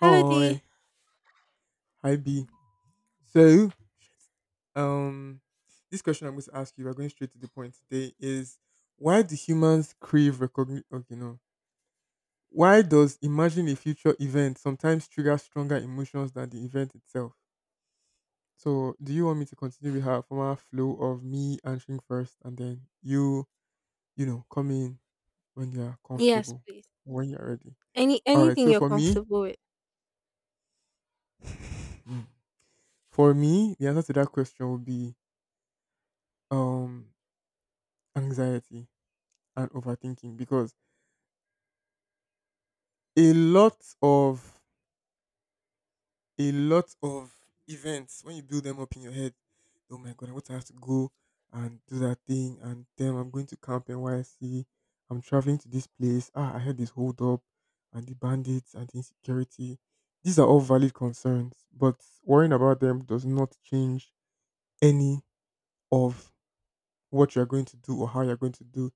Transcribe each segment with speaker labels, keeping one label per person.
Speaker 1: Hello,
Speaker 2: Hi,
Speaker 1: D.
Speaker 2: hi B. So, um, this question I'm going to ask you, we're going straight to the point today, is why do humans crave recognition? Okay, no. Why does imagine a future event sometimes trigger stronger emotions than the event itself? So, do you want me to continue with our former flow of me answering first and then you come in when you are
Speaker 1: Yes,
Speaker 2: comfortable,
Speaker 1: please.
Speaker 2: when you're ready?
Speaker 1: Any
Speaker 2: All right.
Speaker 1: anything
Speaker 2: So,
Speaker 1: you're
Speaker 2: for me,
Speaker 1: comfortable with.
Speaker 2: for me, the answer to that question would be um anxiety and overthinking because a lot of a lot of events when you build them up in your head, oh my god, I want to have to go and do that thing. And then I'm going to Camp NYC, I'm traveling to this place. Ah, I heard this hold up and the bandits and the insecurity. These are all valid concerns, but worrying about them does not change any of what you're going to do or how you're going to do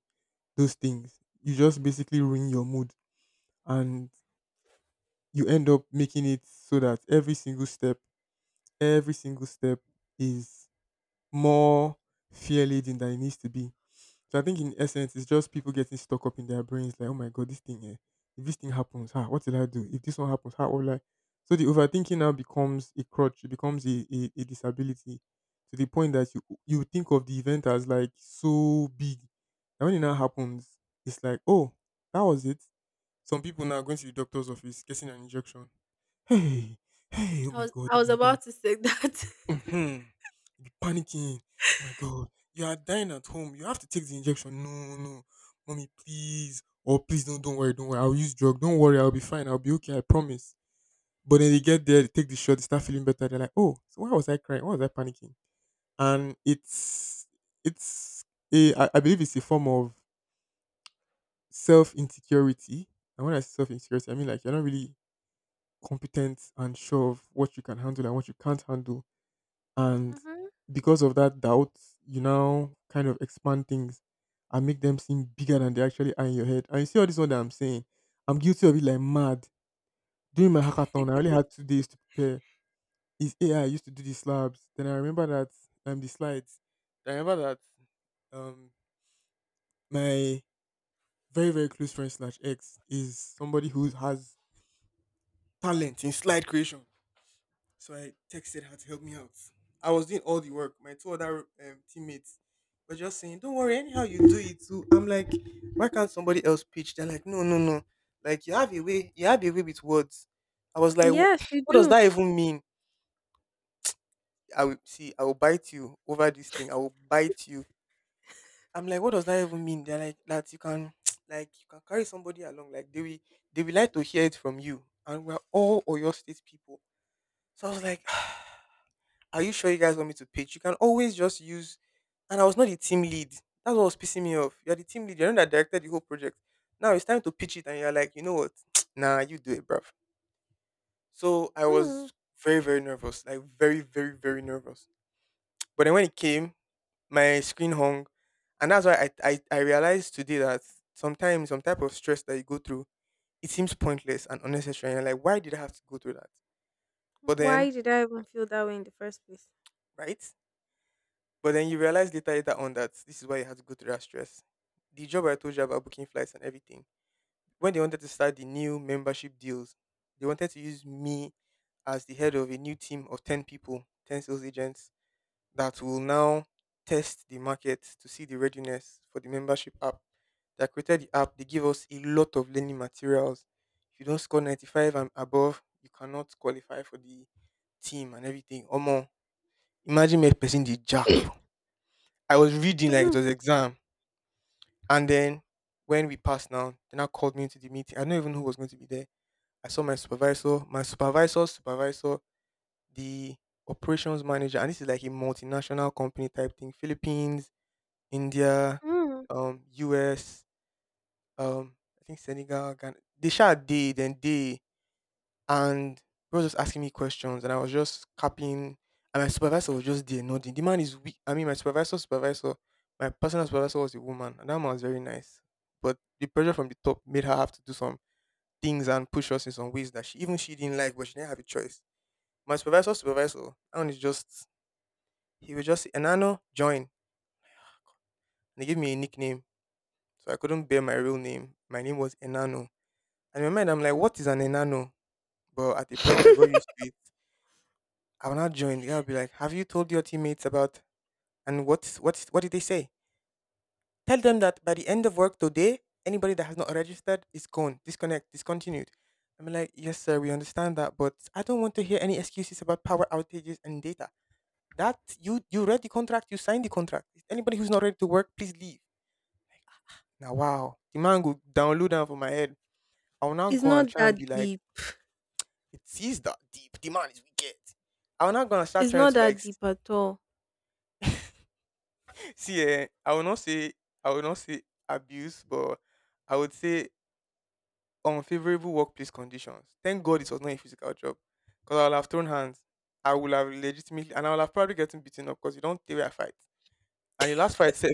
Speaker 2: those things. You just basically ruin your mood. And you end up making it so that every single step is more fear laden than it needs to be. So I think in essence, it's just people getting stuck up in their brains, like, oh my god, this thing here. If this thing happens, ah, what will I do? If this one happens, how will I? So the overthinking now becomes a crutch, it becomes a disability to the point that you think of the event as like so big. And when it now happens, it's like, oh, that was it. Some people now are going to the doctor's office getting an injection. Hey, hey, oh
Speaker 1: I
Speaker 2: my
Speaker 1: was
Speaker 2: god,
Speaker 1: I
Speaker 2: oh
Speaker 1: was
Speaker 2: my god.
Speaker 1: about to say that.
Speaker 2: Mm-hmm. Panicking. Oh my god. You are dying at home. You have to take the injection. No, no. Mommy, please. Oh, please, don't worry, don't worry. I'll use drug. Don't worry, I'll be fine. I'll be okay, I promise. But then they get there, they take the shot, they start feeling better. They're like, oh, so why was I crying? Why was I panicking? And it's a I believe it's a form of self insecurity. And when I say self insecurity, I mean like you're not really competent and sure of what you can handle and what you can't handle. And
Speaker 1: Hmm.
Speaker 2: because of that doubt, you now kind of expand things and make them seem bigger than they actually are in your head. And you see all this one that I'm saying, I'm guilty of it like mad. During my hackathon, I only had 2 days to prepare. It's AI, I used to do the slabs. Then I remember that the slides. I remember that um my very, very close friend slash ex is somebody who has talent in slide creation. So I texted her to help me out. I was doing all the work. My two other teammates were just saying, "Don't worry, anyhow you do it too." I'm like, "Why can't somebody else pitch?" They're like, "No, no, no. Like you have a way. You have a way with words." I was like, "Wha-
Speaker 1: Yes, you
Speaker 2: What does
Speaker 1: do.
Speaker 2: that even mean?" I will see. I will bite you over this thing. I will bite you. I'm like, "What does that even mean?" They're like, "That you can, like, you can carry somebody along. Like they will like to hear it from you." And we're all Oyo State people. So I was like. Are you sure you guys want me to pitch? You can always just use, and I was not the team lead. That's what was pissing me off. You're the team lead, you're the one that directed the whole project. Now it's time to pitch it and you're like, you know what? Nah, you do it, bruv. So I was
Speaker 1: Mm.
Speaker 2: very, very nervous. Like, very, very, very nervous. But then when it came, my screen hung. And that's why I realized today that sometimes some type of stress that you go through, it seems pointless and unnecessary. And you're like, why did I have to go through that? But then,
Speaker 1: Why did I even feel that way in the first place?
Speaker 2: right? But then you realize later on that this is why you had to go through that stress. The job I told you about, booking flights and everything, when they wanted to start the new membership deals, they wanted to use me as the head of a new team of 10 people, 10 sales agents that will now test the market to see the readiness for the membership app. They created the app, they give us a lot of learning materials. If you don't score 95 and above, you cannot qualify for the team and everything. Omo, imagine me person the jack. I was reading like it
Speaker 1: Mm,
Speaker 2: was exam, and then when we passed now, they now called me into the meeting. I don't even know who was going to be there. I saw my supervisor, my supervisor's supervisor, the operations manager, and this is like a multinational company type thing: Philippines, India,
Speaker 1: mm,
Speaker 2: US, I think Senegal, Ghana. They shot day, then they, and he was just asking me questions, and I was just capping. And my supervisor was just there nodding. The man is weak. I mean, my supervisor, supervisor, my personal supervisor was a woman, and that man was very nice. But the pressure from the top made her have to do some things and push us in some ways that she, even she didn't like, but she didn't have a choice. My supervisor, supervisor, and is just, he was just say, Enano join, and he gave me a nickname, so I couldn't bear my real name. My name was Enano, and in my mind I'm like,
Speaker 1: mm.
Speaker 2: what is an Enano? But at the point I got used to it. I will not join. Yeah, I'll be like, have you told your teammates about, and what's what did they say? Tell them that by the end of work today, anybody that has not registered is gone, disconnect, discontinued. I'm like, yes, sir, we understand that, but I don't want to hear any excuses about power outages and data. That you read the contract, you signed the contract. Anybody who's not ready to work, please leave. Now, wow, the man go download down for my head. I will now
Speaker 1: It's
Speaker 2: go
Speaker 1: not
Speaker 2: and try and
Speaker 1: that
Speaker 2: be like,
Speaker 1: deep.
Speaker 2: it is that deep. The man is wicked. I will not gonna start
Speaker 1: It's
Speaker 2: trying
Speaker 1: not
Speaker 2: to like,
Speaker 1: that deep at all.
Speaker 2: see, eh, I will not say abuse, but I would say unfavorable workplace conditions. Thank God it was not a physical job, because I would have thrown hands. I would have legitimately, and I would have probably gotten beaten up because you don't stay where I fight. And your last fight, sef,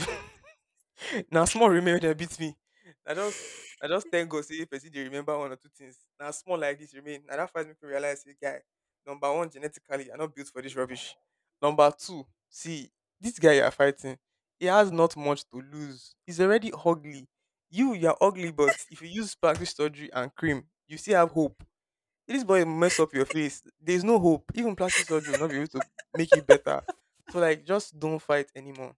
Speaker 2: now small remember that beat me. I just I just thank God say if person dey remember one or two things. Now small like this remain. Now that fight make me realize say guy, number one, genetically I not built for this rubbish. Number two, see this guy you are fighting, he has not much to lose. He's already ugly. You are ugly, but if you use plastic surgery and cream you still have hope. This boy mess up your face. There is no hope. Even plastic surgery will not be able to make it better. So like just don't fight anymore.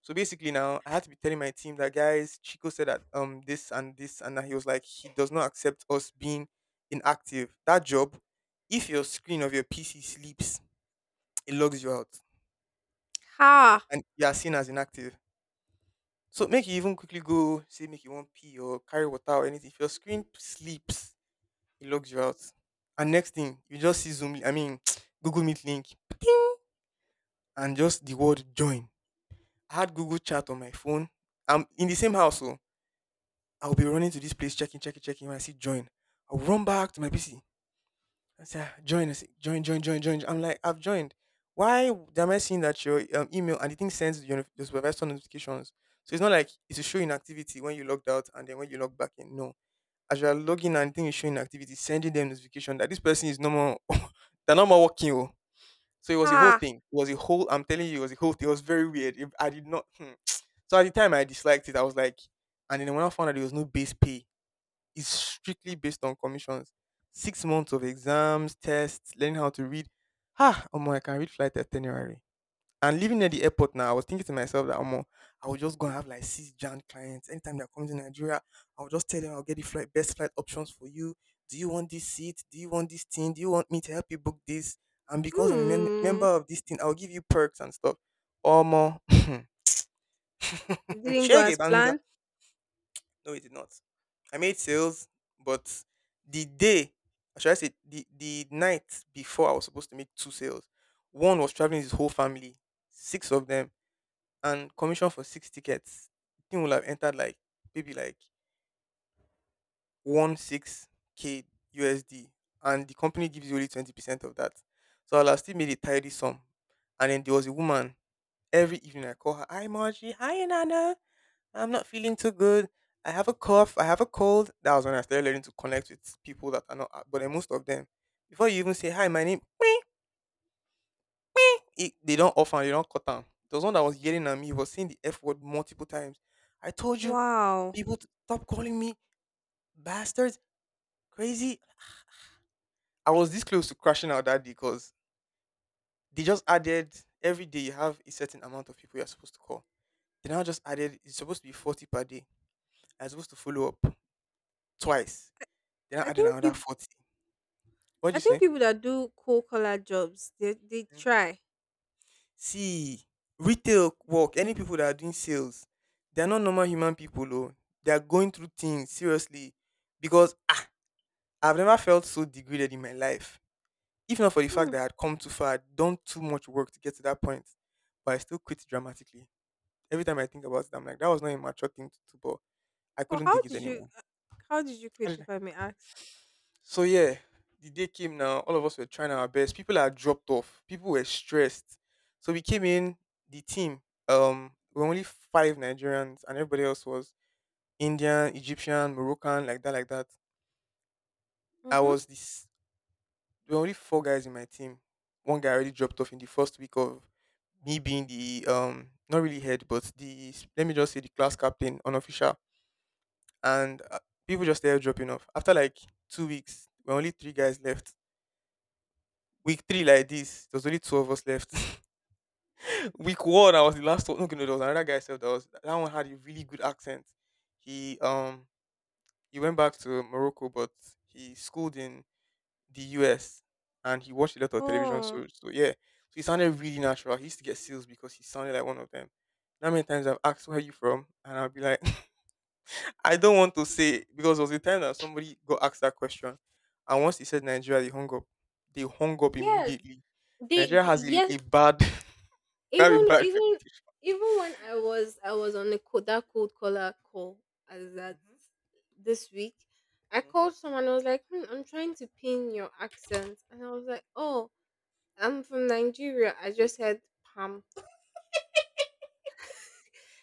Speaker 2: So basically, now I had to be telling my team that guys, Chico said that this and this, and that he was like he does not accept us being inactive. That job, if your screen of your PC sleeps, it logs you out,
Speaker 1: Ha
Speaker 2: and you are seen as inactive. So make you even quickly go say make you want pee or carry water or anything. If your screen sleeps, it logs you out. And next thing, you just see Zoom, I mean Google Meet link, and just the word join. I had Google Chat on my phone. I'm in the same house, oh. I'll be running to this place, checking, checking, checking. When I see join, I'll run back to my PC and say, "Ah, join, I say, join, join, join, join." I'm like, I've joined. Why am I seeing that your email and the thing sends your supervisor notifications? So it's not like it's showing activity when you logged out and then when you log back in. No. As you're logging and thing is showing activity, sending them notification that this person is no more, they're no more working. Oh. So it was a whole
Speaker 1: ha.
Speaker 2: thing. It was a whole, I'm telling you, it was a whole thing. It was very weird. It- I did not, hmm. So at the time I disliked it. I was like, and then when I found out there was no base pay, is strictly based on commissions. 6 months of exams, tests, learning how to read. Ah, Omo, I can read flight itinerary. And living near the airport now, I was thinking to myself that Omo, I will just go and have like six Jan clients. Anytime they're coming to Nigeria, I'll just tell them, I'll get the flight best flight options for you. Do you want this seat? Do you want this thing? Do you want me to help you book this? And because I'm a member
Speaker 1: Mm.
Speaker 2: of this thing, I'll give you perks and stuff. Omo,
Speaker 1: Didn't go
Speaker 2: share
Speaker 1: as planned.
Speaker 2: no, it did not. I made sales, but the day, or should I say, the night before I was supposed to make two sales, one was traveling with his whole family, six of them, and commission for six tickets. The thing would have entered like maybe like 16 k USD, and the company gives you only 20% of that. So I'll have still made a tidy sum. And then there was a woman. Every evening I call her, "Hi Margie, hi Nana. I'm not feeling too good. I have a cough. I have a cold." That was when I started learning to connect with people that are not, but then most of them, before you even say hi, my name, it, they don't offer, they don't cut down. There was one that was yelling at me, he was saying the F word multiple times. I told you,
Speaker 1: Wow.
Speaker 2: people to stop calling me bastards, crazy. I was this close to crashing out that day because they just added every day you have a certain amount of people you're supposed to call. They now just added, it's supposed to be 40 per day. I was supposed to follow up twice. They now
Speaker 1: I
Speaker 2: added
Speaker 1: think
Speaker 2: another
Speaker 1: people.
Speaker 2: 40. What'd you
Speaker 1: I think
Speaker 2: say?
Speaker 1: people that do cold collar jobs, they try.
Speaker 2: See, retail work, any people that are doing sales, they're not normal human people, though. They are going through things, seriously. Because I've never felt so degraded in my life. If not for the fact
Speaker 1: Hmm.
Speaker 2: that I had come too far, I'd done too much work to get to that point. But I still quit dramatically. Every time I think about it, I'm like, that was not a mature thing to do, but I
Speaker 1: But
Speaker 2: couldn't take it anymore.
Speaker 1: how did you quit if I may ask?
Speaker 2: So yeah, the day came now. All of us were trying our best. People had dropped off. People were stressed. So we came in the team. We were only five Nigerians, and everybody else was Indian, Egyptian, Moroccan, like that, like that. I
Speaker 1: Mhm.
Speaker 2: was this. There were only four guys in my team. One guy already dropped off in the first week of me being the not really head, but the let me just say the class captain, unofficial, and people just started dropping off after like 2 weeks. We're only three guys left. Week three like this, there was only two of us left. Week one, I was the last one. No, okay, no, there was another guy self that was that one had a really good accent. He um he went back to Morocco, but he schooled in the US and he watched a lot of television
Speaker 1: Oh.
Speaker 2: shows. So yeah, so he sounded really natural. He used to get sales because he sounded like one of them. How many times I've asked where are you from, and I'll be like, I don't want to say, because there was a time that somebody got asked that question, and once he said Nigeria, they hung up. They hung up
Speaker 1: Yes,
Speaker 2: immediately. Nigeria has a,
Speaker 1: yes,
Speaker 2: a bad.
Speaker 1: even
Speaker 2: Everybody.
Speaker 1: even when I was on the that cold caller call as that this week, I
Speaker 2: Mm-hmm. Mm-hmm.
Speaker 1: called someone. I was like, hmm, I'm trying to pin your accent. And I was like, oh, I'm from Nigeria. I just had Pam.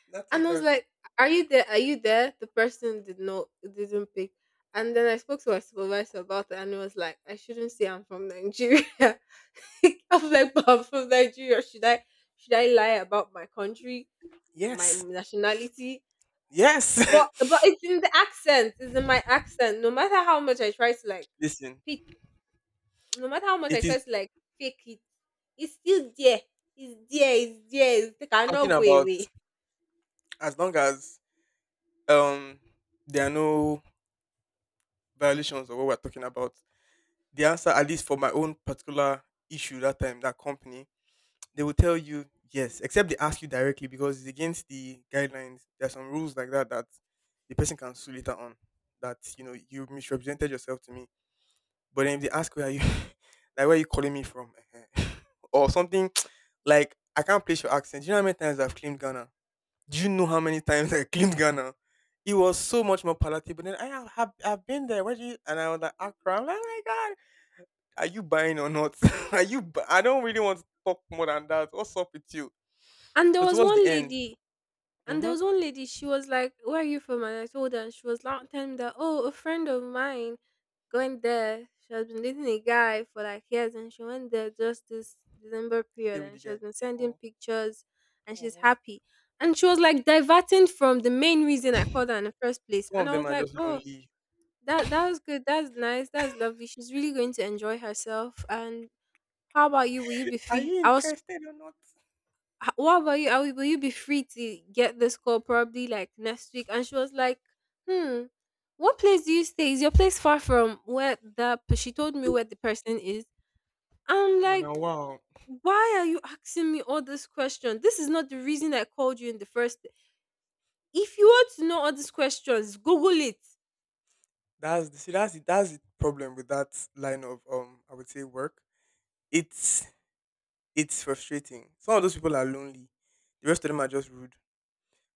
Speaker 2: Nothing
Speaker 1: And I was
Speaker 2: hurts.
Speaker 1: like, are you there? Are you there? The person didn't pick. And then I spoke to my supervisor about it and he was like, I shouldn't say I'm from Nigeria. I was like, but I'm from Nigeria. Should I lie about my country, my
Speaker 2: Yes.
Speaker 1: nationality?
Speaker 2: Yes.
Speaker 1: But, but it's in the accent. It's in my accent. No matter how much I try to like
Speaker 2: Listen,
Speaker 1: pitch, no matter how much I
Speaker 2: it
Speaker 1: try
Speaker 2: is
Speaker 1: to like fake it, it's still there. It's there, it's there, it
Speaker 2: talking
Speaker 1: cannot go
Speaker 2: about
Speaker 1: away.
Speaker 2: as long as um there are no violations of what we're talking about. The answer, at least for my own particular issue that time, that company, they will tell you yes, except they ask you directly, because it's against the guidelines. There are some rules like that that the person can sue later on. That you know you misrepresented yourself to me. But then if they ask where are you, like where are you calling me from, Ehen. or something like I can't place your accent. Do you know how many times I've claimed Ghana? Do you know how many times I claimed Ghana? It was so much more palatable. Then I have I've been there. Where do you? And I was like Accra. I'm like, oh my god, are you buying or not? Are you? I don't really want to talk more than that. What's up with you?
Speaker 1: And there
Speaker 2: So
Speaker 1: was
Speaker 2: towards the
Speaker 1: one
Speaker 2: end,
Speaker 1: lady,
Speaker 2: mm-hmm,
Speaker 1: she was like, "Where are you from?" And I told her, and she was like, telling me that, "Oh, a friend of mine going there. She has been dating a guy for like years, and she went there just this December
Speaker 2: stay
Speaker 1: period,
Speaker 2: with the
Speaker 1: and she
Speaker 2: guy.
Speaker 1: has been sending
Speaker 2: Oh,
Speaker 1: pictures, and
Speaker 2: oh.
Speaker 1: she's
Speaker 2: Oh.
Speaker 1: happy." And she was like diverting from the main reason I called her in the first place.
Speaker 2: Some
Speaker 1: And
Speaker 2: of
Speaker 1: I
Speaker 2: them
Speaker 1: was
Speaker 2: are
Speaker 1: like,
Speaker 2: just
Speaker 1: "Oh,
Speaker 2: lonely.
Speaker 1: that that's good. That's nice. That's lovely. She's really going to enjoy herself. And how about you? Will you be
Speaker 2: Are
Speaker 1: free?"
Speaker 2: you
Speaker 1: I was.
Speaker 2: interested or not?
Speaker 1: "What about you? Will you be free to get this call probably like next week?" And she was like, "Hmm, what place do you stay? Is your place far from where the?" She told me where the person is. I'm
Speaker 2: I'm
Speaker 1: like,
Speaker 2: like, wow.
Speaker 1: "Why are you asking me all this question? This is not the reason I called you in the first. If you want to know all these questions, Google it."
Speaker 2: That's the see that's the problem with that line of I would say work. It's it's frustrating. Some of those people are lonely. The rest of them are just rude.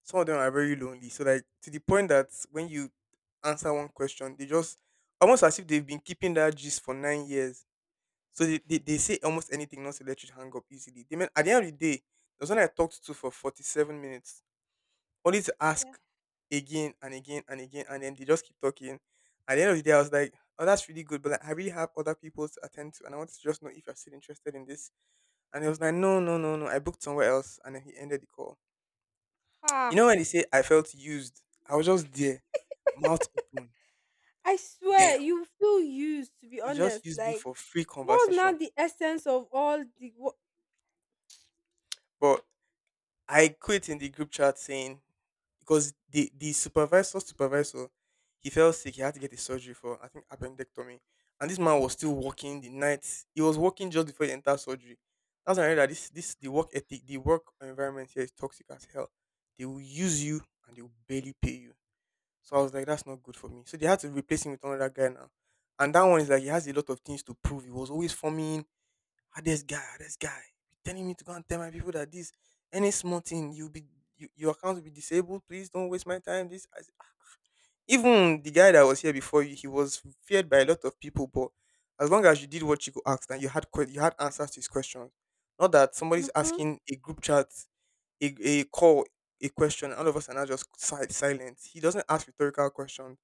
Speaker 2: Some of them are very lonely. So like to the point that when you answer one question, they just almost as if they've been keeping that gist for 9 years. So they say almost anything not to let you hang up easily. They mean at the end of the day, there's one I talked to for 47 minutes only to ask again and again and again, and then they just keep talking. At the end of the day, I was like, "Oh, that's really good," but like, I really have other people to attend to, and I wanted to just know if you're still interested in this. And he was like, "No, no, no, no. I booked somewhere else," and then he ended the call.
Speaker 1: Ha.
Speaker 2: You know when they say I felt used, I was just there, mouth open.
Speaker 1: I swear,
Speaker 2: Damn,
Speaker 1: you feel used to be
Speaker 2: he just
Speaker 1: honest.
Speaker 2: used me
Speaker 1: Like,
Speaker 2: for free
Speaker 1: what's now
Speaker 2: conversation.
Speaker 1: the essence of all the what?
Speaker 2: But I quit in the group chat saying because the supervisor, he fell sick. He had to get a surgery for I think appendectomy, and this man was still working the night. He was working just before he entered surgery. That's when I realized this the work ethic, the work environment here is toxic as hell. They will use you and they will barely pay you. So I was like, that's not good for me. So they had to replace him with another guy now. And that one is like he has a lot of things to prove. He was always forming. Ah, this guy be telling me to go and tell my people that this any small thing you'll be you, your account will be disabled. Please don't waste my time. This even the guy that was here before you, he was feared by a lot of people. But as long as you did what you could ask, and you had you had answers to his questions, not that somebody's
Speaker 1: Hmm.
Speaker 2: asking a group chat, a, a call, a question, and all of us are now just silent. He doesn't ask rhetorical questions.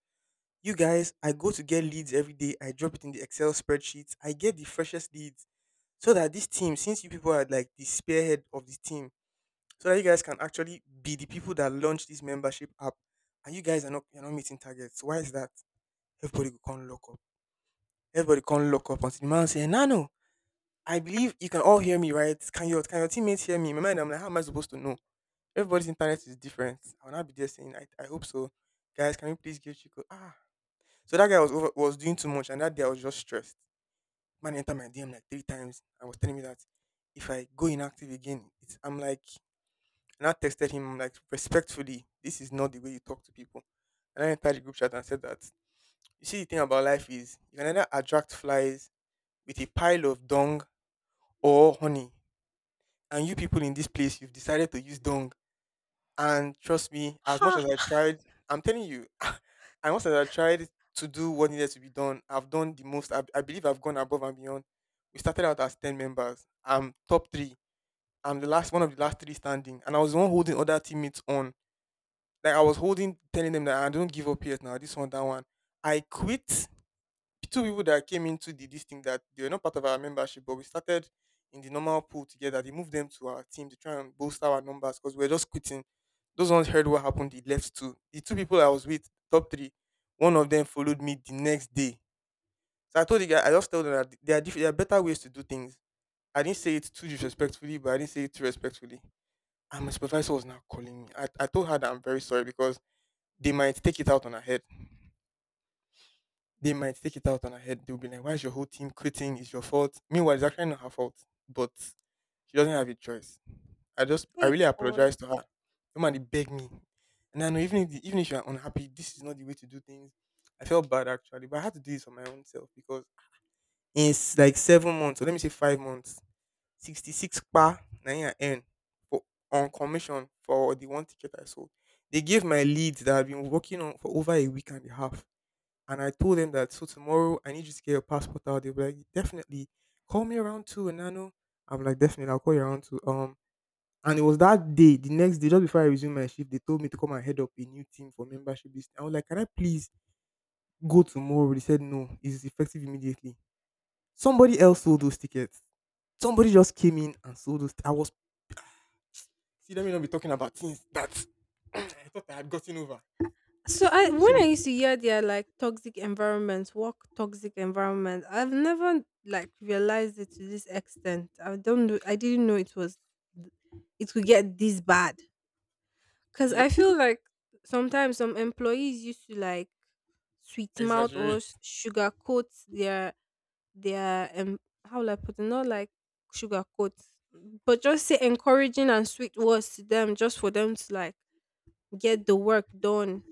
Speaker 2: You guys, I go to get leads every day. I drop it in the Excel spreadsheets. I get the freshest leads so that this team, since you people are like the spearhead of this team, so that you guys can actually be the people that launch this membership app, and you guys are not you're not meeting targets. Why is that? Everybody go come lock up. Everybody come lock up until the man say, "No, no, I believe you can all hear me, right? Can your teammates hear me?" In my mind, I'm like, how am I supposed to know? Everybody's internet is different. I will not be there saying, I hope so. Guys, can you please give Chico? Ah. So that guy was over, was doing too much, and that day I was just stressed. Man entered my DM like three times and was telling me that if I go inactive again, it's, I'm like, and I texted him, I'm like respectfully, this is not the way you talk to people. And I entered the group chat and said that you see the thing about life is you can either attract flies with a pile of dung or honey. And you people in this place, you've decided to use dung. And trust me, as much as I tried, I'm telling you, as much as I tried to do what needed to be done, I've done the most. I believe I've gone above and beyond. We started out as 10 members. I'm top three. I'm the last one of the last three standing. And I was the one holding other teammates on. Like I was holding, telling them that I don't give up yet now. This one, that one. I quit the two people that came into the this thing that they were not part of our membership, but we started in the normal pool together. They moved them to our team to try and bolster our numbers because we were just quitting. Those ones heard what happened. They left too. The two people I was with, top three, one of them followed me the next day. So I told the guy, I just told them that there are better ways to do things. I didn't say it too disrespectfully, but I didn't say it too respectfully. And my supervisor was now calling me. I told her that I'm very sorry because they might take it out on her head. They might take it out on her head. They'll be like, why is your whole team quitting? It's your fault. Meanwhile, it's actually not her fault, but she doesn't have a choice. I
Speaker 1: Hey
Speaker 2: really
Speaker 1: God.
Speaker 2: apologize to her. Somebody begged me. And I know even if you're unhappy, this is not the way to do things. I felt bad actually, but I had to do this for my own self because like 7 months, or let me say 5 months, 66 pa, na him I earn for, on commission for the one ticket I sold. They gave my leads that I've been working on for over a week and a half, and I told them that, so tomorrow I need you to get your passport out. They were like, definitely. Call me around two, and I know I'm like, definitely, I'll call you around two. And it was that day, the next day, just before I resumed my shift, they told me to come and head up a new team for membership list. I was like, can I please go tomorrow? They said no, it's effective immediately. Somebody else sold those tickets. Somebody just came in and sold those. I was, see, let me not be talking about things that I thought I had gotten over.
Speaker 1: So I when I
Speaker 2: So
Speaker 1: used to hear their like toxic environments, work toxic environment, I've never like realized it to this extent. I don't know. I didn't know it was it could get this bad. Cause
Speaker 2: yep,
Speaker 1: I feel like sometimes some employees used to like sweet mouth or
Speaker 2: exaggerate.
Speaker 1: sugarcoat their, their um how will I put it, not like sugarcoat, but just say encouraging and sweet words to them just for them to like get the work done.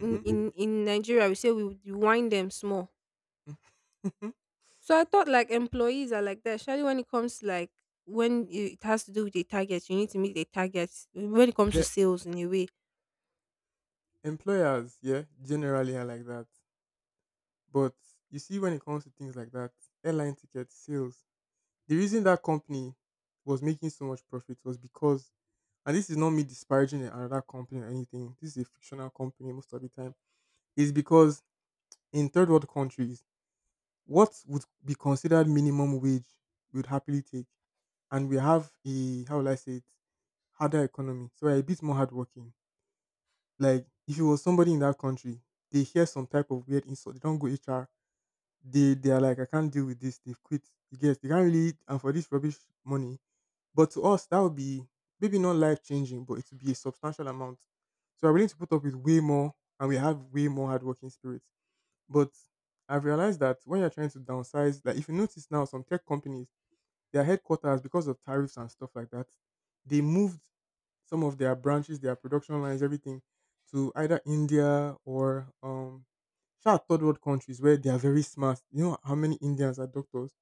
Speaker 1: In in, in Nigeria we say we would wind them small, so I thought like employees are like that, especially when it comes to like when you- it has to do with the targets, you need to meet the targets when it comes
Speaker 2: Yeah,
Speaker 1: to sales in a way.
Speaker 2: employers, yeah, generally are like that. But you see, when it comes to things like that, airline ticket sales, the reason that company was making so much profit was because, and this is not me disparaging another company or anything, this is a fictional company most of the time, is because in third world countries, what would be considered minimum wage we would happily take. And we have a, how will I say it, harder economy. So we're a bit more hardworking. Like, if you was somebody in that country, they hear some type of weird insult, they don't go HR, they are like, I can't deal with this. They've quit. You get? They can't really and for this rubbish money. But to us, that would be maybe not life changing, but it would be a substantial amount. So we're willing to put up with way more, and we have way more hardworking spirits. But I've realized that when you're trying to downsize, like if you notice now, some tech companies, their headquarters, because of tariffs and stuff like that, they moved some of their branches, their production lines, everything to either India or shout third world countries where they are very smart. You know how many Indians are doctors?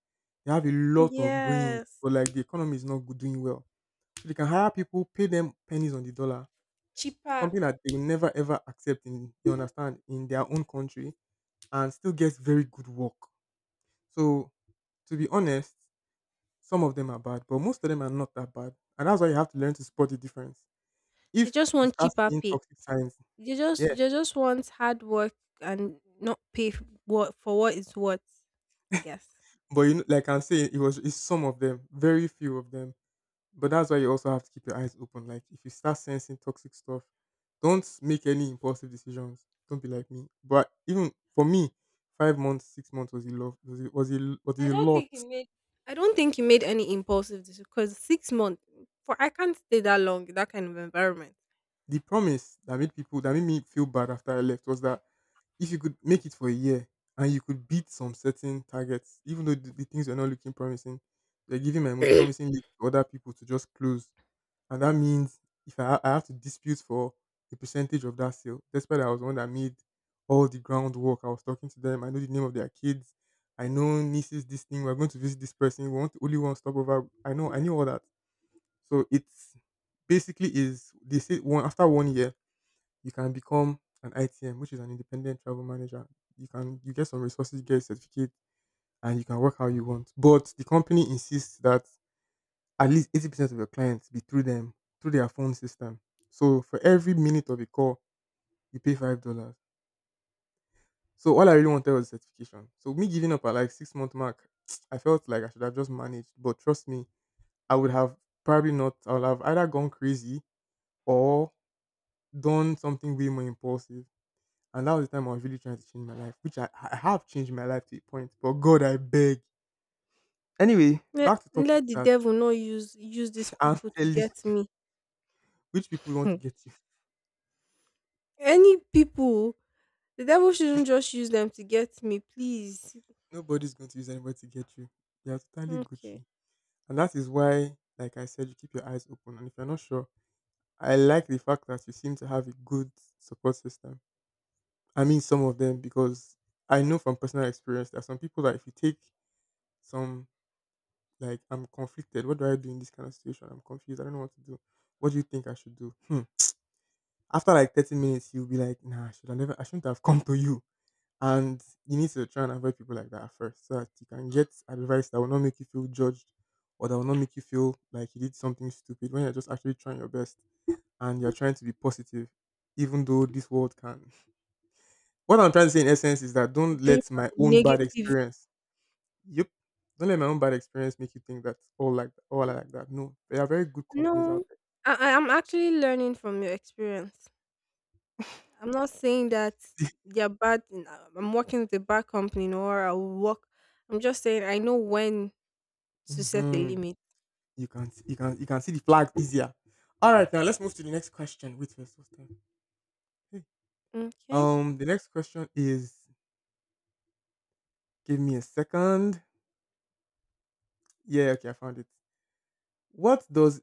Speaker 2: They have a lot of brains,
Speaker 1: Yes,
Speaker 2: but like the economy is not good, doing well. So they can hire people, pay them pennies on the dollar,
Speaker 1: cheaper.
Speaker 2: something that they will never ever accept in, you understand, in their own country and still get very good work. So to be honest, some of them are bad, but most of them are not that bad. And that's why you have to learn to spot the difference.
Speaker 1: They
Speaker 2: If
Speaker 1: just
Speaker 2: you
Speaker 1: want
Speaker 2: start
Speaker 1: cheaper
Speaker 2: seeing
Speaker 1: pay.
Speaker 2: toxic signs.
Speaker 1: They just
Speaker 2: Yeah,
Speaker 1: they just want hard work and not pay what for what it's worth. I guess.
Speaker 2: but you know, like I'm saying, it was, it's some of them, very few of them. But that's why you also have to keep your eyes open. Like if you start sensing toxic stuff, don't make any impulsive decisions. Don't be like me. But even for me, 5 months, 6 months was a lot. Was
Speaker 1: I
Speaker 2: a
Speaker 1: don't
Speaker 2: lot.
Speaker 1: think he made. I don't think he made any impulsive decision because 6 months for I can't stay that long in that kind of environment.
Speaker 2: The promise that made people that made me feel bad after I left was that if you could make it for a year and you could beat some certain targets, even though the things were not looking promising, they're giving my most promising lead to other people to just close, and that means if I, I have to dispute for a percentage of that sale, despite I was the one that made all the groundwork. I was talking to them. I know the name of their kids. I know nieces this thing. We're going to visit this person. We want only one stopover. I know. I knew all that. So it's basically is they say one after 1 year you can become an ITM, which is an independent travel manager. You get some resources, you get a certificate, and you can work how you want. But the company insists that at least 80% of your clients be through them, through their phone system. So for every minute of a call, you pay $5. So all I really wanted was certification. So me giving up at like 6 month mark, I felt like I should have just managed. But trust me, I would have probably not. I would have either gone crazy or done something way more impulsive. And that was the time I was really trying to change my life, which I have changed my life to a point. But God, I beg. Anyway,
Speaker 1: Let,
Speaker 2: back to topics
Speaker 1: let the
Speaker 2: that
Speaker 1: devil not use these
Speaker 2: aren't
Speaker 1: people to
Speaker 2: telling
Speaker 1: get me.
Speaker 2: which people want to
Speaker 1: Hmm.
Speaker 2: get.
Speaker 1: Any people, the devil shouldn't just use them to get me, please.
Speaker 2: Nobody's going to use anybody to get you. You are totally
Speaker 1: Okay,
Speaker 2: Gucci. And that is why, like I said, you keep your eyes open. And if you're not sure, I like the fact that you seem to have a good support system. I mean, some of them, because I know from personal experience that some people that if you take some, like, I'm conflicted, what do I do in this kind of situation? I'm confused, I don't know what to do. What do you think I should do? Hmm. After like 30 minutes, you'll be like, nah, I shouldn't have come to you. And you need to try and avoid people like that at first so that you can get advice that will not make you feel judged or that will not make you feel like you did something stupid when you're just actually trying your best and you're trying to be positive, even though this world can. What I'm trying to say in essence is that don't
Speaker 1: bring
Speaker 2: let
Speaker 1: out
Speaker 2: my
Speaker 1: the
Speaker 2: own bad
Speaker 1: negative.
Speaker 2: experience, yep, don't let my own bad experience make you think that all are like that. No, there are very good companies out
Speaker 1: No, I am actually learning from your experience. I'm not saying that
Speaker 2: there.
Speaker 1: they're bad. And I- am working with a bad company, no, or I'll work. I'm just saying I know when to set a
Speaker 2: Hmm.
Speaker 1: limit.
Speaker 2: You can You can see the flag easier. All right, now let's move to the next question. Wait first, what's time?
Speaker 1: Okay.
Speaker 2: The next question is, give me a second. Yeah, okay, I found it. What does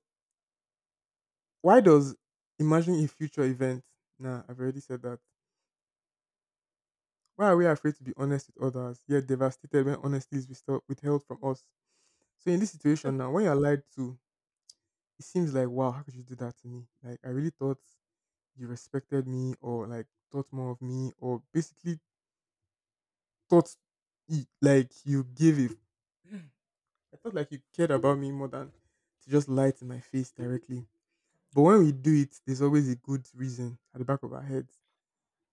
Speaker 2: Why does imagining a future event? Nah, I've already said that. Why are we afraid to be honest with others, yet devastated when honesty is withheld from us? So in this situation now, when you're lied to, it seems like, wow, how could you do that to me? Like I really thought you respected me, or like thought more of me, or basically thought y- like you gave it. I thought like you cared about me more than to just lie to my face directly. But when we do it, there's always a good reason at the back of our heads.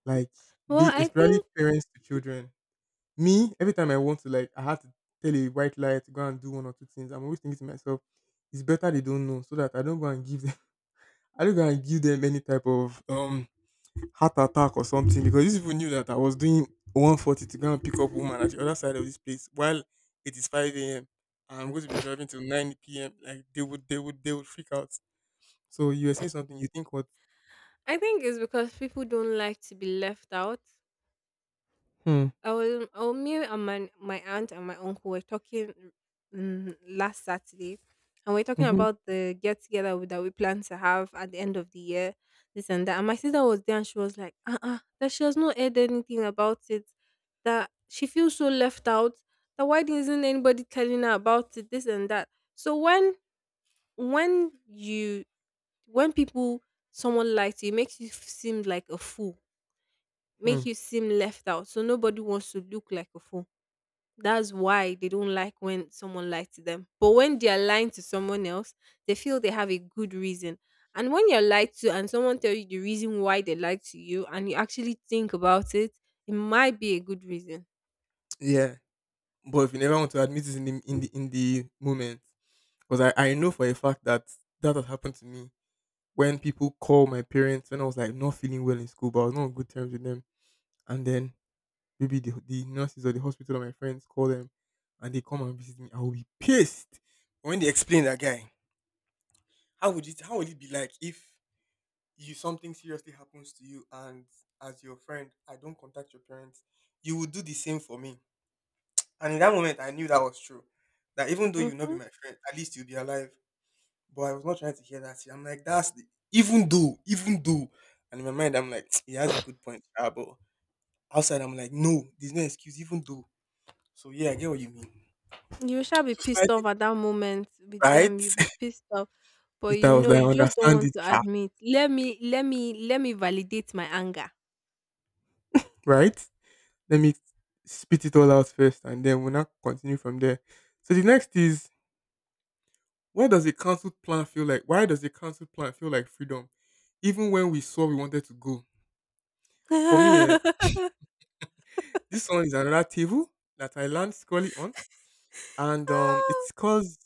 Speaker 2: Like,
Speaker 1: Well,
Speaker 2: be
Speaker 1: I
Speaker 2: especially
Speaker 1: think
Speaker 2: parents to children. Me, every time I want to like I have to tell a white lie to go and do one or two things, I'm always thinking to myself, it's better they don't know so that I don't go and give them I don't go and give them any type of heart attack or something, because these people knew that I was doing 140 to go and pick up woman at the other side of this place while it is 5 a.m. and I'm going to be driving till 9 p.m. Like they would freak out. So you were saying something, you think what?
Speaker 1: I think it's because people don't like to be left out.
Speaker 2: Hmm.
Speaker 1: I was me and my aunt and my uncle were talking, last Saturday, and we are talking
Speaker 2: Mhm.
Speaker 1: about the get together that we plan to have at the end of the year, this and that. And my sister was there, and she was like, uh, that she has not heard anything about it. That she feels so left out. That why isn't anybody telling her about it? This and that." So when you when people someone likes you, it makes you seem like a fool,
Speaker 2: Hmm.
Speaker 1: make you seem left out. So nobody wants to look like a fool. That's why they don't like when someone lies to them. But when they are lying to someone else, they feel they have a good reason. And when you're lied to and someone tell you the reason why they lied to you and you actually think about it, it might be a good reason.
Speaker 2: Yeah, but if you never want to admit it in the moment, because I know for a fact that that has happened to me when people call my parents when I was like not feeling well in school, but I was not on good terms with them, and then maybe the nurses or the hospital or my friends call them, and they come and visit me, I will be pissed when they explain that guy. How would it be like if you something seriously happens to you and as your friend I don't contact your parents, you would do the same for me. And in that moment, I knew that was true. That even though you will not be
Speaker 1: Mhm.
Speaker 2: my friend, at least you'll be alive. But I was not trying to hear that shit. I'm like, that's the, even though, even though. And in my mind, I'm like, he has a good point. But outside, I'm like, no, there's no excuse, even though. So yeah, I get what you mean.
Speaker 1: You shall be
Speaker 2: So
Speaker 1: pissed
Speaker 2: slightly
Speaker 1: off at that moment with them.
Speaker 2: right.
Speaker 1: You'll be pissed off, but
Speaker 2: Later, I
Speaker 1: you
Speaker 2: was
Speaker 1: know
Speaker 2: like, I
Speaker 1: you just don't
Speaker 2: understand
Speaker 1: want
Speaker 2: it,
Speaker 1: to
Speaker 2: sha.
Speaker 1: admit. Let me validate my anger.
Speaker 2: Right? Let me spit it all out first, and then we'll not continue from there. So the next is, why does a cancelled plan feel like? Why does a cancelled plan feel like freedom? Even when we saw we wanted to go. For me, this one is another table that I land squarely on, and it's
Speaker 1: Ah,
Speaker 2: because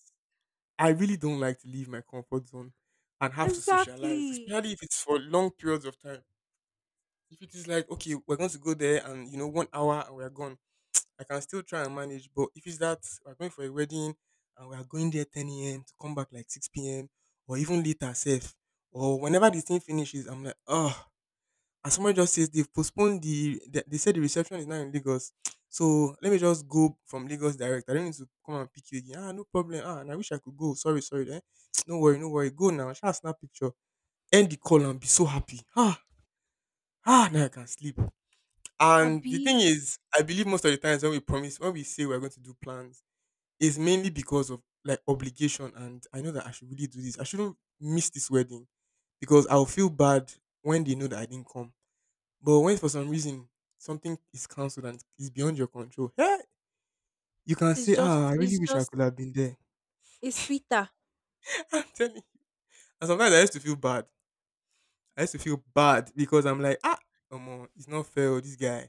Speaker 2: I really don't like to leave my comfort zone and have to socialize,
Speaker 1: exactly.
Speaker 2: especially if it's for long periods of time. If it is like, okay, we're going to go there and you know, one hour and we're gone, I can still try and manage. But if it's that we're going for a wedding and we are going there 10 a.m. to come back like 6 p.m. or even later, safe, or whenever this thing finishes, I'm like, oh. And someone just says they've postponed they said the reception is now in Lagos. So let me just go from Lagos direct. I don't need to come and pick you again. Ah, no problem. Ah, and I wish I could go. Sorry, sorry. Eh? No worry, no worry. Go now. Shall snap picture. End the call and be so happy. Ah, ah, now I can sleep. And the thing
Speaker 1: Abi,
Speaker 2: is, I believe most of the times when we promise, when we say we're going to do plans, it's mainly because of like obligation. And I know that I should really do this. I shouldn't miss this wedding because I'll feel bad when they know that I didn't come, but when for some reason something is cancelled and it's beyond your control, you can
Speaker 1: it's
Speaker 2: say, ah,
Speaker 1: just,
Speaker 2: I really
Speaker 1: it's
Speaker 2: wish I
Speaker 1: just,
Speaker 2: could have been there.
Speaker 1: it's sweeter.
Speaker 2: I'm telling you. And sometimes I used to feel bad. I used to feel bad because I'm like, ah, come on, it's not fair, oh, this guy.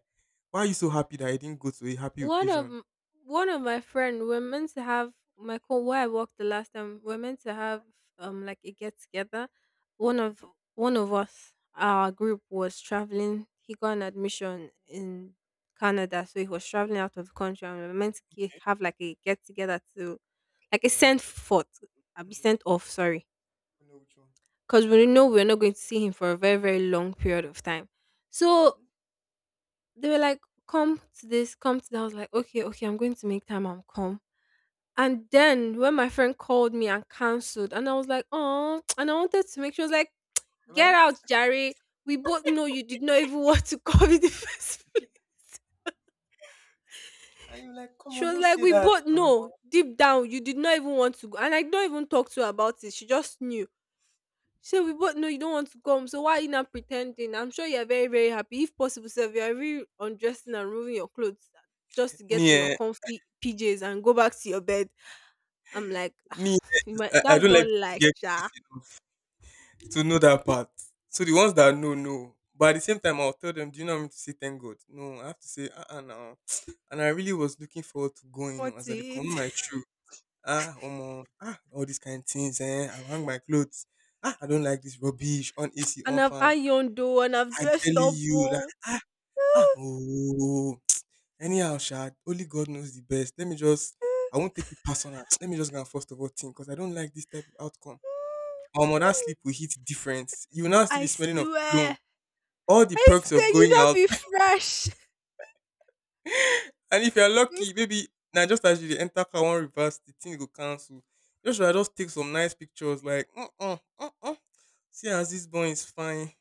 Speaker 2: Why are you so happy that I didn't go to a happy
Speaker 1: One of
Speaker 2: occasion?
Speaker 1: m- One of my friend, we're meant to have my co where I worked the last time. We're meant to have like a get together. One of
Speaker 2: Mhm.
Speaker 1: one of us, our group was traveling. He got an admission in Canada, so he was traveling out of the country, and we are meant to have like a get together to, like a
Speaker 2: Send,
Speaker 1: sent forth, I will be
Speaker 2: mm,
Speaker 1: sent off. Sorry,
Speaker 2: I know which one.
Speaker 1: because we know we're not going to see him for a very very long period of time. So
Speaker 2: Mhm.
Speaker 1: they were like, "Come to this, come to that." I was like, "Okay, okay, I'm going to make time and come." And then when my friend called me and cancelled, and I was like, "Oh," and I wanted to make, sure. I was like, "Get
Speaker 2: Right?
Speaker 1: out, Jerry. We both know you did not even want to come in the first place."
Speaker 2: And you're like, come
Speaker 1: She
Speaker 2: on,
Speaker 1: was
Speaker 2: don't
Speaker 1: like,
Speaker 2: say
Speaker 1: "We
Speaker 2: that.
Speaker 1: both know deep down you did not even want to go," and I don't even talk to her about it. She just knew. "So we both know you don't want to come. So why are you not pretending? I'm sure you're very, very happy. If possible, sir, you are really undressing and removing your clothes just to get
Speaker 2: Me,
Speaker 1: in your
Speaker 2: eh,
Speaker 1: comfy PJs and go back to your bed." I'm like,
Speaker 2: me,
Speaker 1: "You might,
Speaker 2: I
Speaker 1: that's
Speaker 2: don't
Speaker 1: not
Speaker 2: like to
Speaker 1: like
Speaker 2: get
Speaker 1: Sha."
Speaker 2: to know that part. So the ones that know know. But at the same time, I'll tell them, do you know I'm to say thank God? No, I have to say, uh-uh, now. And I really was looking forward to going,
Speaker 1: What
Speaker 2: as I dey come my
Speaker 1: is?
Speaker 2: shoe. Ah, omo, ah, all these kind things, eh? I hang my clothes. Ah, I don't like this rubbish on AC, on
Speaker 1: And I've
Speaker 2: fan.
Speaker 1: ironed though, and I've
Speaker 2: I tell
Speaker 1: dressed up.
Speaker 2: you
Speaker 1: Oh.
Speaker 2: that, ah, oh, anyhow, Shad, only God knows the best. Let me just, I won't take it personal. Let me just go and first of all think, because I don't like this type of outcome. Omo, that sleep will hit different. You will now still
Speaker 1: I
Speaker 2: be smelling of cologne,
Speaker 1: swear.
Speaker 2: all the
Speaker 1: I
Speaker 2: perks
Speaker 1: swear
Speaker 2: of
Speaker 1: you
Speaker 2: going
Speaker 1: not
Speaker 2: out.
Speaker 1: be fresh.
Speaker 2: And if you're lucky, maybe now just as you dey enter car one reverse, the thing go cancel. You should just take some nice pictures, like uh see as this boy is fine,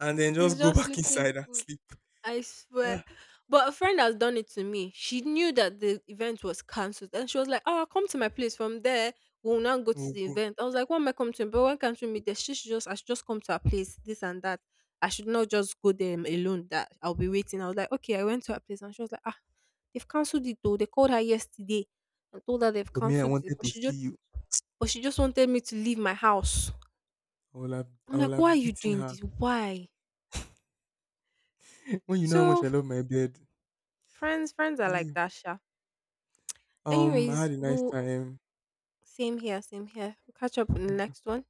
Speaker 2: and then
Speaker 1: It's
Speaker 2: just go
Speaker 1: just
Speaker 2: back
Speaker 1: looking
Speaker 2: inside and
Speaker 1: good.
Speaker 2: sleep.
Speaker 1: I swear.
Speaker 2: Ah,
Speaker 1: But a friend has done it to me. She knew that the event was cancelled and she was like, "Oh, come to my place. From there, we'll now go to
Speaker 2: oh
Speaker 1: the
Speaker 2: God.
Speaker 1: event." I was like, "Why am I coming to? Him? But when can't we meet there?" She should just I should just come to her place, this and that. I should not just go there alone that I'll be waiting. I was like, "Okay," I went to her place and she was like, "Ah, they've cancelled it though." They called her yesterday and told her they've
Speaker 2: But me, I
Speaker 1: cancelled it.
Speaker 2: wanted to see you.
Speaker 1: But she just wanted me to leave my house.
Speaker 2: I
Speaker 1: I'm
Speaker 2: will
Speaker 1: like, "Why are
Speaker 2: have
Speaker 1: you
Speaker 2: beaten
Speaker 1: doing
Speaker 2: her.
Speaker 1: this? Why?"
Speaker 2: When you know how much
Speaker 1: So
Speaker 2: I love my bed.
Speaker 1: friends, friends are like
Speaker 2: Anyway,
Speaker 1: that, Sha.
Speaker 2: I had
Speaker 1: Anyways,
Speaker 2: a nice
Speaker 1: we'll
Speaker 2: time.
Speaker 1: same here, same here. We'll catch up on the next one.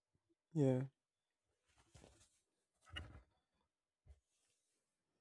Speaker 2: Yeah.